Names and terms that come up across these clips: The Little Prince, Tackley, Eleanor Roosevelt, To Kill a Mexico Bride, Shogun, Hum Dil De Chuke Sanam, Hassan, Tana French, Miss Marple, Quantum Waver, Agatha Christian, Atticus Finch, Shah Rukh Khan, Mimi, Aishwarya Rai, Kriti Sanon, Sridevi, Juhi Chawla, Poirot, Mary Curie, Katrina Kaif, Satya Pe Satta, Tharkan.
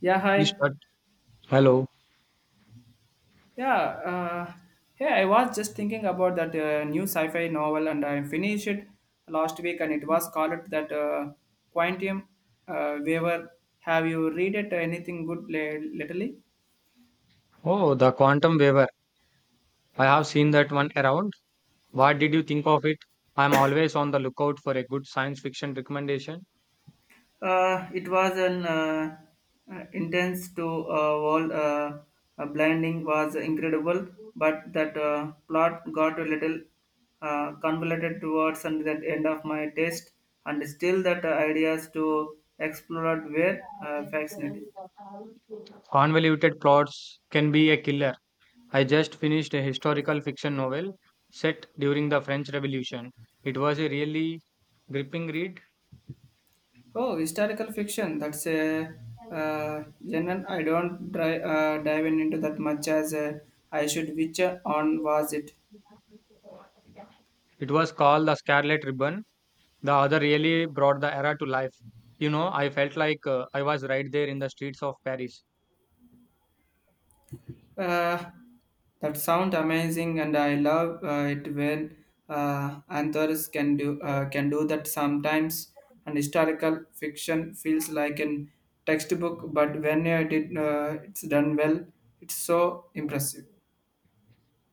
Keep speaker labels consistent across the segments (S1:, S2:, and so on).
S1: Yeah,
S2: We
S1: hi.
S2: start. Hello.
S1: Yeah, uh, yeah, I was just thinking about that new sci fi novel, and I finished it last week, and it was called that Quantum Waver. Have you read it anything good lately?
S2: Oh, the quantum waiver. I have seen that one around. What did you think of it? I'm always on the lookout for a good science fiction recommendation.
S1: It was an intense to wall. Blinding was incredible, but that plot got a little convoluted towards and that end of my test, and still that ideas to explore were fascinating.
S2: Convoluted plots can be a killer. I just finished a historical fiction novel set during the French Revolution. It was a really gripping read.
S1: Oh, historical fiction. That's a uh, genre I don't dive in into that much as I should. Which on was it?
S2: It was called The Scarlet Ribbon. The author really brought the era to life. You know, I felt like I was right there in the streets of Paris.
S1: Uh, that sound amazing, and I love it when uh, authors can do that sometimes. And historical fiction feels like an textbook, but when it's done well, it's so impressive.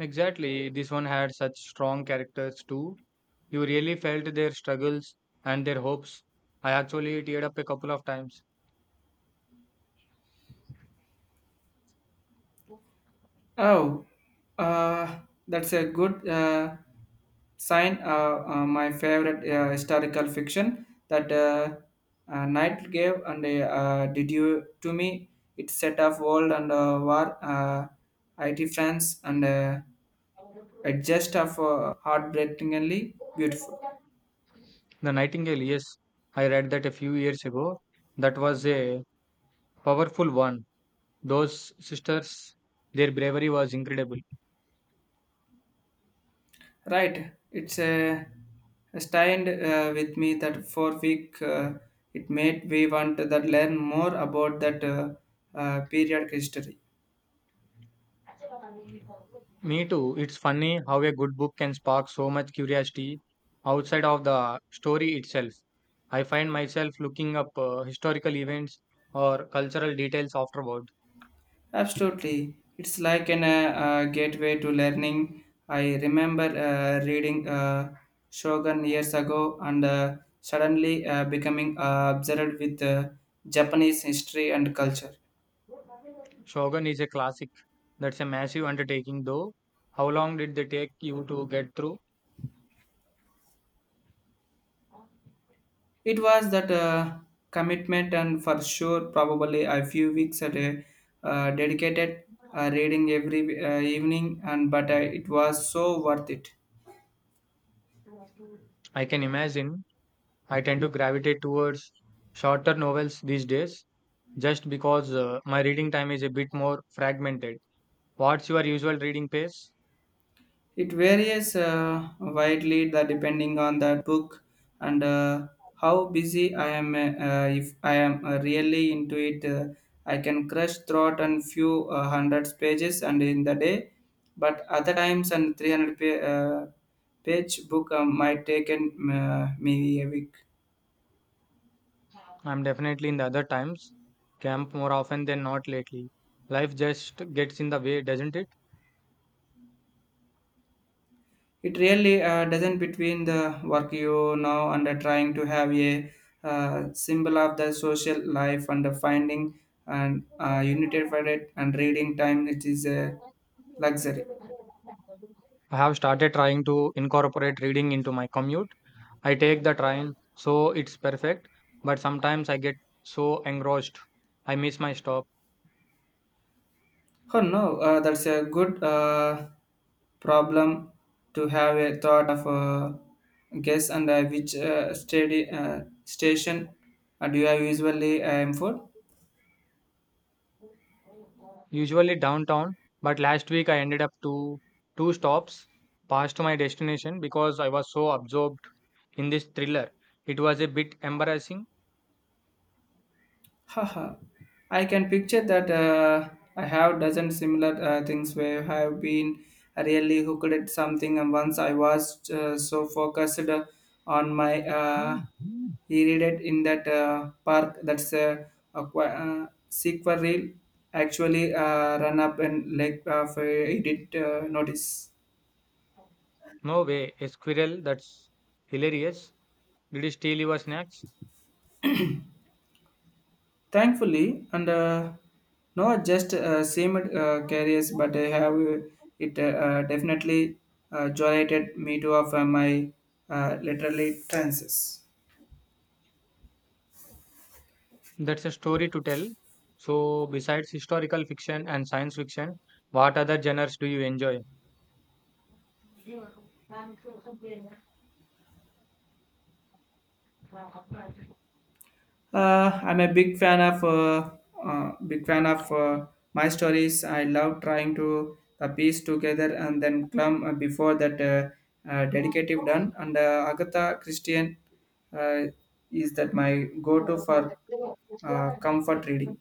S2: Exactly. This one had such strong characters too. You really felt their struggles and their hopes. I actually teared up a couple of times.
S1: Oh, uh, that's a good sign. My favorite historical fiction that Knight gave and did you to me. It set of world and war, IT France, and it just of heartbreakingly beautiful.
S2: The Nightingale, yes, I read that a few years ago. That was a powerful one. Those sisters, their bravery was incredible.
S1: Right, it's a stand with me that for week. It made me want to that learn more about that period history.
S2: Me too. It's funny how a good book can spark so much curiosity outside of the story itself. I find myself looking up historical events or cultural details afterward.
S1: Absolutely. It's like an gateway to learning. I remember reading Shogun years ago, and suddenly becoming obsessed with Japanese history and culture.
S2: Shogun is a classic. That's a massive undertaking, though. How long did they take you to get through?
S1: It was that commitment, and for sure, probably a few weeks at a dedicated reading every evening, and but it was so worth it.
S2: I can imagine. I tend to gravitate towards shorter novels these days just because my reading time is a bit more fragmented. What's your usual reading pace?
S1: It varies widely the, depending on the book and how busy I am. If I am really into it, I can crush throughout and few hundreds pages and in the day. But other times, and 300 page book might take me a week.
S2: I'm definitely in the other times, camp more often than not lately. Life just gets in the way, doesn't it?
S1: It really doesn't between the work you now and trying to have a symbol of the social life and the finding and united for it and reading time. It is a luxury.
S2: I have started trying to incorporate reading into my commute. I take the train, so it's perfect, but sometimes I get so engrossed I miss my stop.
S1: Oh no, that's a good problem to have a thought of a guess, and which steady, station do you have usually aim for?
S2: Usually downtown, but last week I ended up to two stops past my destination because I was so absorbed in this thriller. It was a bit embarrassing.
S1: Haha, I can picture that. I have dozen similar things where I have been really hooked at something, and once I was so focused on my e-reader in that park, that's a sequel reel actually run up, and like I did notice.
S2: No way, a squirrel, that's hilarious. Did he steal your snacks?
S1: Thankfully, and not just same careers, but I have it definitely generated me to of my literally trances.
S2: That's a story to tell. So, besides historical fiction and science fiction, what other genres do you enjoy?
S1: I'm a big fan of my stories. I love trying to piece together and then clump before that dedicative done. And Agatha Christian uh, is that my go-to for comfort reading.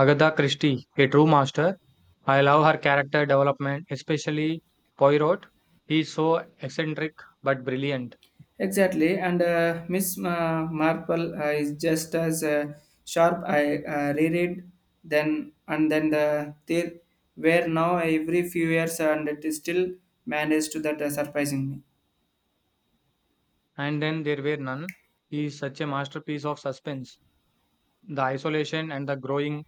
S2: Agatha Christie, a true master. I love her character development, especially Poirot. He is so eccentric but brilliant.
S1: Exactly, and Miss Marple is just as sharp. I reread then and then the there where now every few years, and it is still managed to that surprising me.
S2: And then there were none. He is such a masterpiece of suspense. The isolation and the growing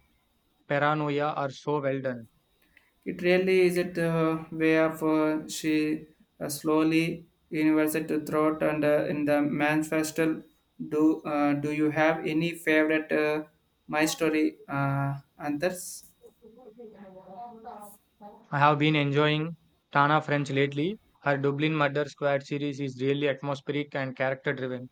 S2: paranoia are so well done.
S1: It really is it way of she slowly university to throat and in the manifesto. Do you have any favorite my story others?
S2: I have been enjoying Tana French lately. Her Dublin Murder Squad series is really atmospheric and character driven.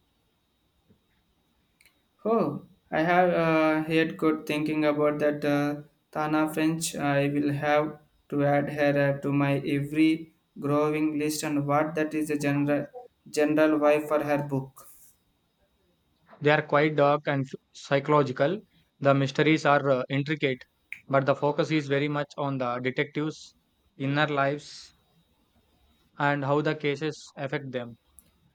S1: Oh, I have heard good thinking about that Tana French. I will have to add her to my every growing list, and what that is a general general why for her book.
S2: They are quite dark and psychological. The mysteries are intricate, but the focus is very much on the detectives' inner lives and how the cases affect them.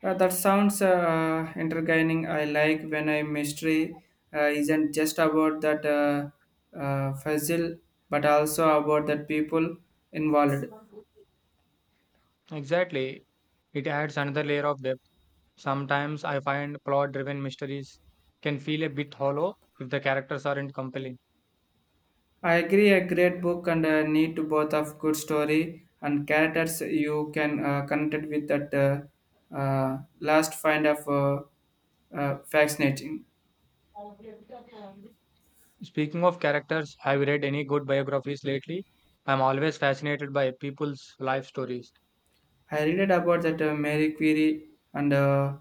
S1: That sounds entertaining. I like when a mystery isn't just about that puzzle, but also about the people involved.
S2: Exactly, it adds another layer of depth. Sometimes I find plot driven mysteries can feel a bit hollow if the characters aren't compelling.
S1: I agree, a great book and a need to both of good story and characters you can connect with that last find of fascinating.
S2: Speaking of characters, have you read any good biographies lately? I'm always fascinated by people's life stories.
S1: I read about that Mary Curie, and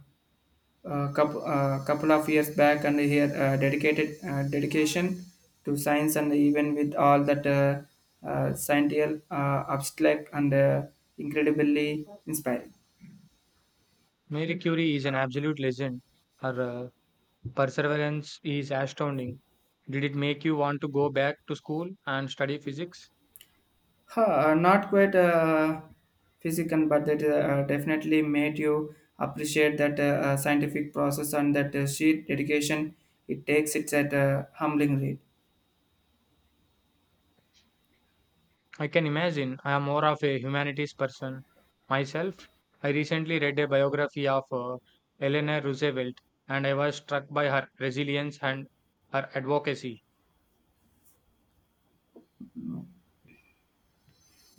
S1: a couple of years back, and here dedicated dedication to science, and even with all that scientific abstract and incredibly inspiring.
S2: Mary Curie is an absolute legend. Her Perseverance is astounding. Did it make you want to go back to school and study physics?
S1: Huh, not quite physical, but that definitely made you appreciate that scientific process and that sheer dedication it takes. It's at a humbling rate.
S2: I can imagine. I am more of a humanities person. Myself, I recently read a biography of Eleanor Roosevelt, and I was struck by her resilience and her advocacy.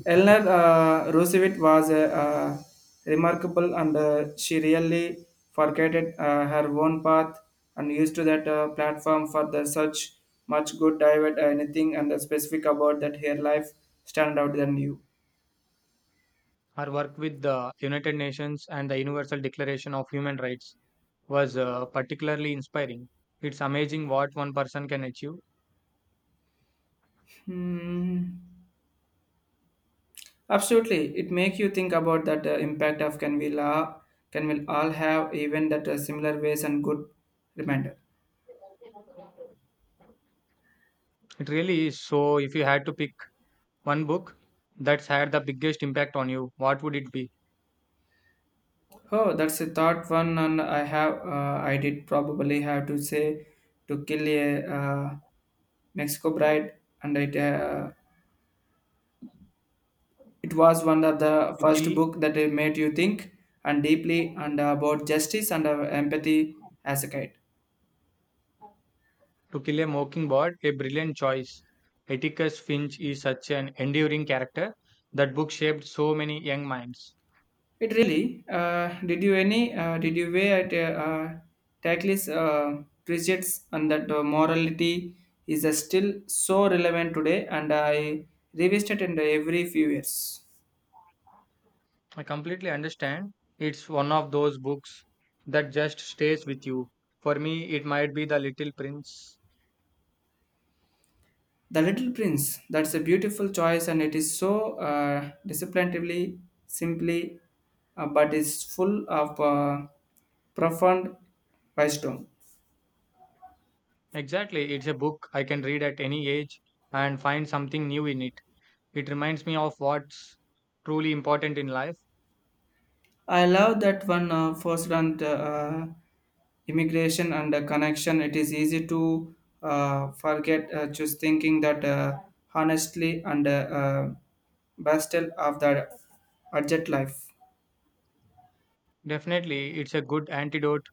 S1: Eleanor Roosevelt was remarkable, and she really forgot her own path and used to that platform for the such much good dive anything, and specific about that her life stand out than you.
S2: Her work with the United Nations and the Universal Declaration of Human Rights was particularly inspiring. It's amazing what one person can achieve.
S1: Hmm. Absolutely, it makes you think about that impact of can we la can we all have even that similar ways, and good reminder.
S2: It really is. So, if you had to pick one book that's had the biggest impact on you, what would it be?
S1: Oh, that's a thought one, and I have, I did probably have to say to kill a Mexico Bride, and it was one of the
S2: To
S1: first
S2: Kill
S1: book that it made you think and deeply and about justice and empathy as a kid.
S2: To Kill a Mockingbird, a brilliant choice. Atticus Finch is such an enduring character. That book shaped so many young minds.
S1: It really. Did you any? Did you weigh at Tackley's precepts on that morality is still so relevant today, and I revisit it in every few years.
S2: I completely understand. It's one of those books that just stays with you. For me, it might be The Little Prince.
S1: The Little Prince. That's a beautiful choice, and it is so disciplinedly simply, but is full of profound wisdom.
S2: Exactly, it's a book I can read at any age and find something new in it. It reminds me of what's truly important in life.
S1: I love that one first on the, immigration and the connection. It is easy to forget just thinking that honestly and bastel of the urgent life.
S2: Definitely, it's a good antidote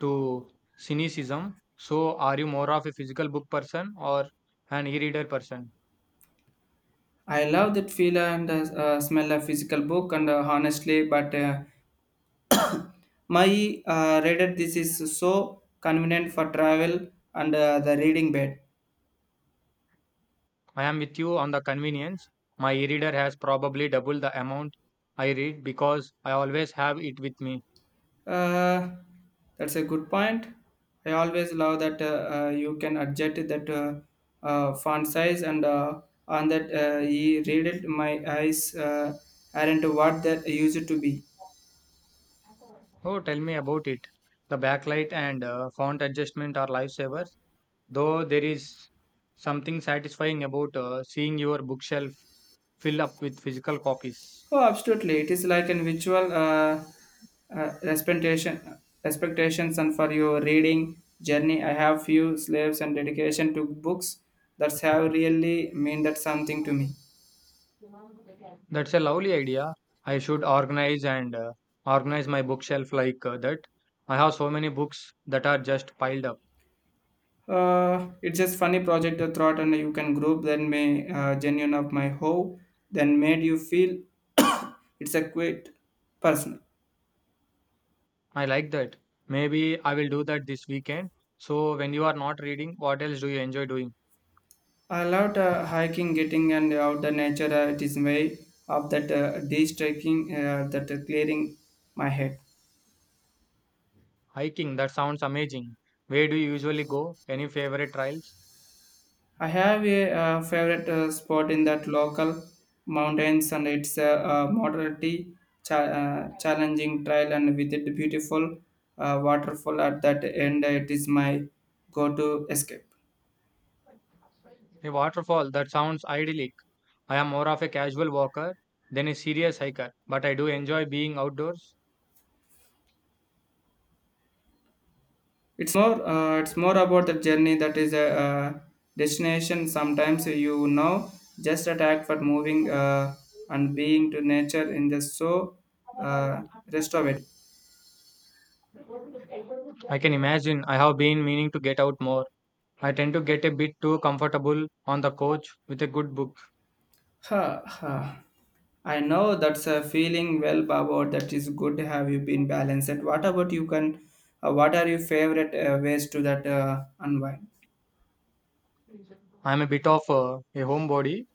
S2: to cynicism. So, are you more of a physical book person or an e reader person?
S1: I love that feel and smell of physical book, and honestly, but my reader this is so convenient for travel and the reading bed.
S2: I am with you on the convenience. My e reader has probably double the amount I read because I always have it with me.
S1: Uh, that's a good point. I always love that you can adjust that font size and on that he read it. My eyes aren't what that used to be.
S2: Oh, tell me about it. The backlight and font adjustment are lifesavers, though there is something satisfying about seeing your bookshelf fill up with physical copies.
S1: Oh, absolutely! It is like an visual uh, expectation, expectations, and for your reading journey, I have few slaves and dedication to books that have really mean that something to me.
S2: That's a lovely idea. I should organize my bookshelf like that. I have so many books that are just piled up.
S1: It's just funny project the thought, and you can group then may genuine of my hoe then made you feel it's a quite personal.
S2: I like that. Maybe I will do that this weekend. So, when you are not reading, what else do you enjoy doing?
S1: I loved hiking, getting and out the nature. It is way of that de-striking, that clearing my head.
S2: Hiking, that sounds amazing. Where do you usually go? Any favorite trails?
S1: I have a favorite spot in that local mountains, and it's a moderately challenging trail, and with it beautiful waterfall at that end. It is my go-to escape.
S2: A waterfall, that sounds idyllic. I am more of a casual walker than a serious hiker, but I do enjoy being outdoors.
S1: It's more about the journey that is a destination. Sometimes you know just attack for moving and being to nature in the so uh, rest of it.
S2: I can imagine. I have been meaning to get out more. I tend to get a bit too comfortable on the couch with a good book.
S1: Ha ha. I know that's a feeling well, Baba. That is good. Have you been balanced? And what about you? Can what are your favorite ways to that unwind?
S2: I am a bit of a homebody.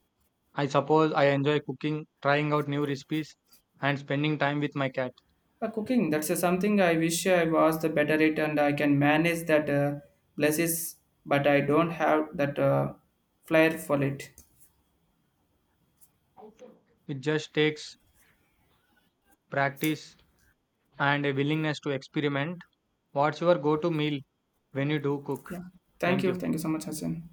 S2: I suppose I enjoy cooking, trying out new recipes, and spending time with my cat.
S1: Cooking. That's something I wish I was the better at, and I can manage that blesses, but I don't have that flair for it.
S2: It just takes practice and a willingness to experiment. What's your go to meal when you do cook?
S1: Yeah. Thank
S2: Thank
S1: you.
S2: you.
S1: Thank you so much, Hassan.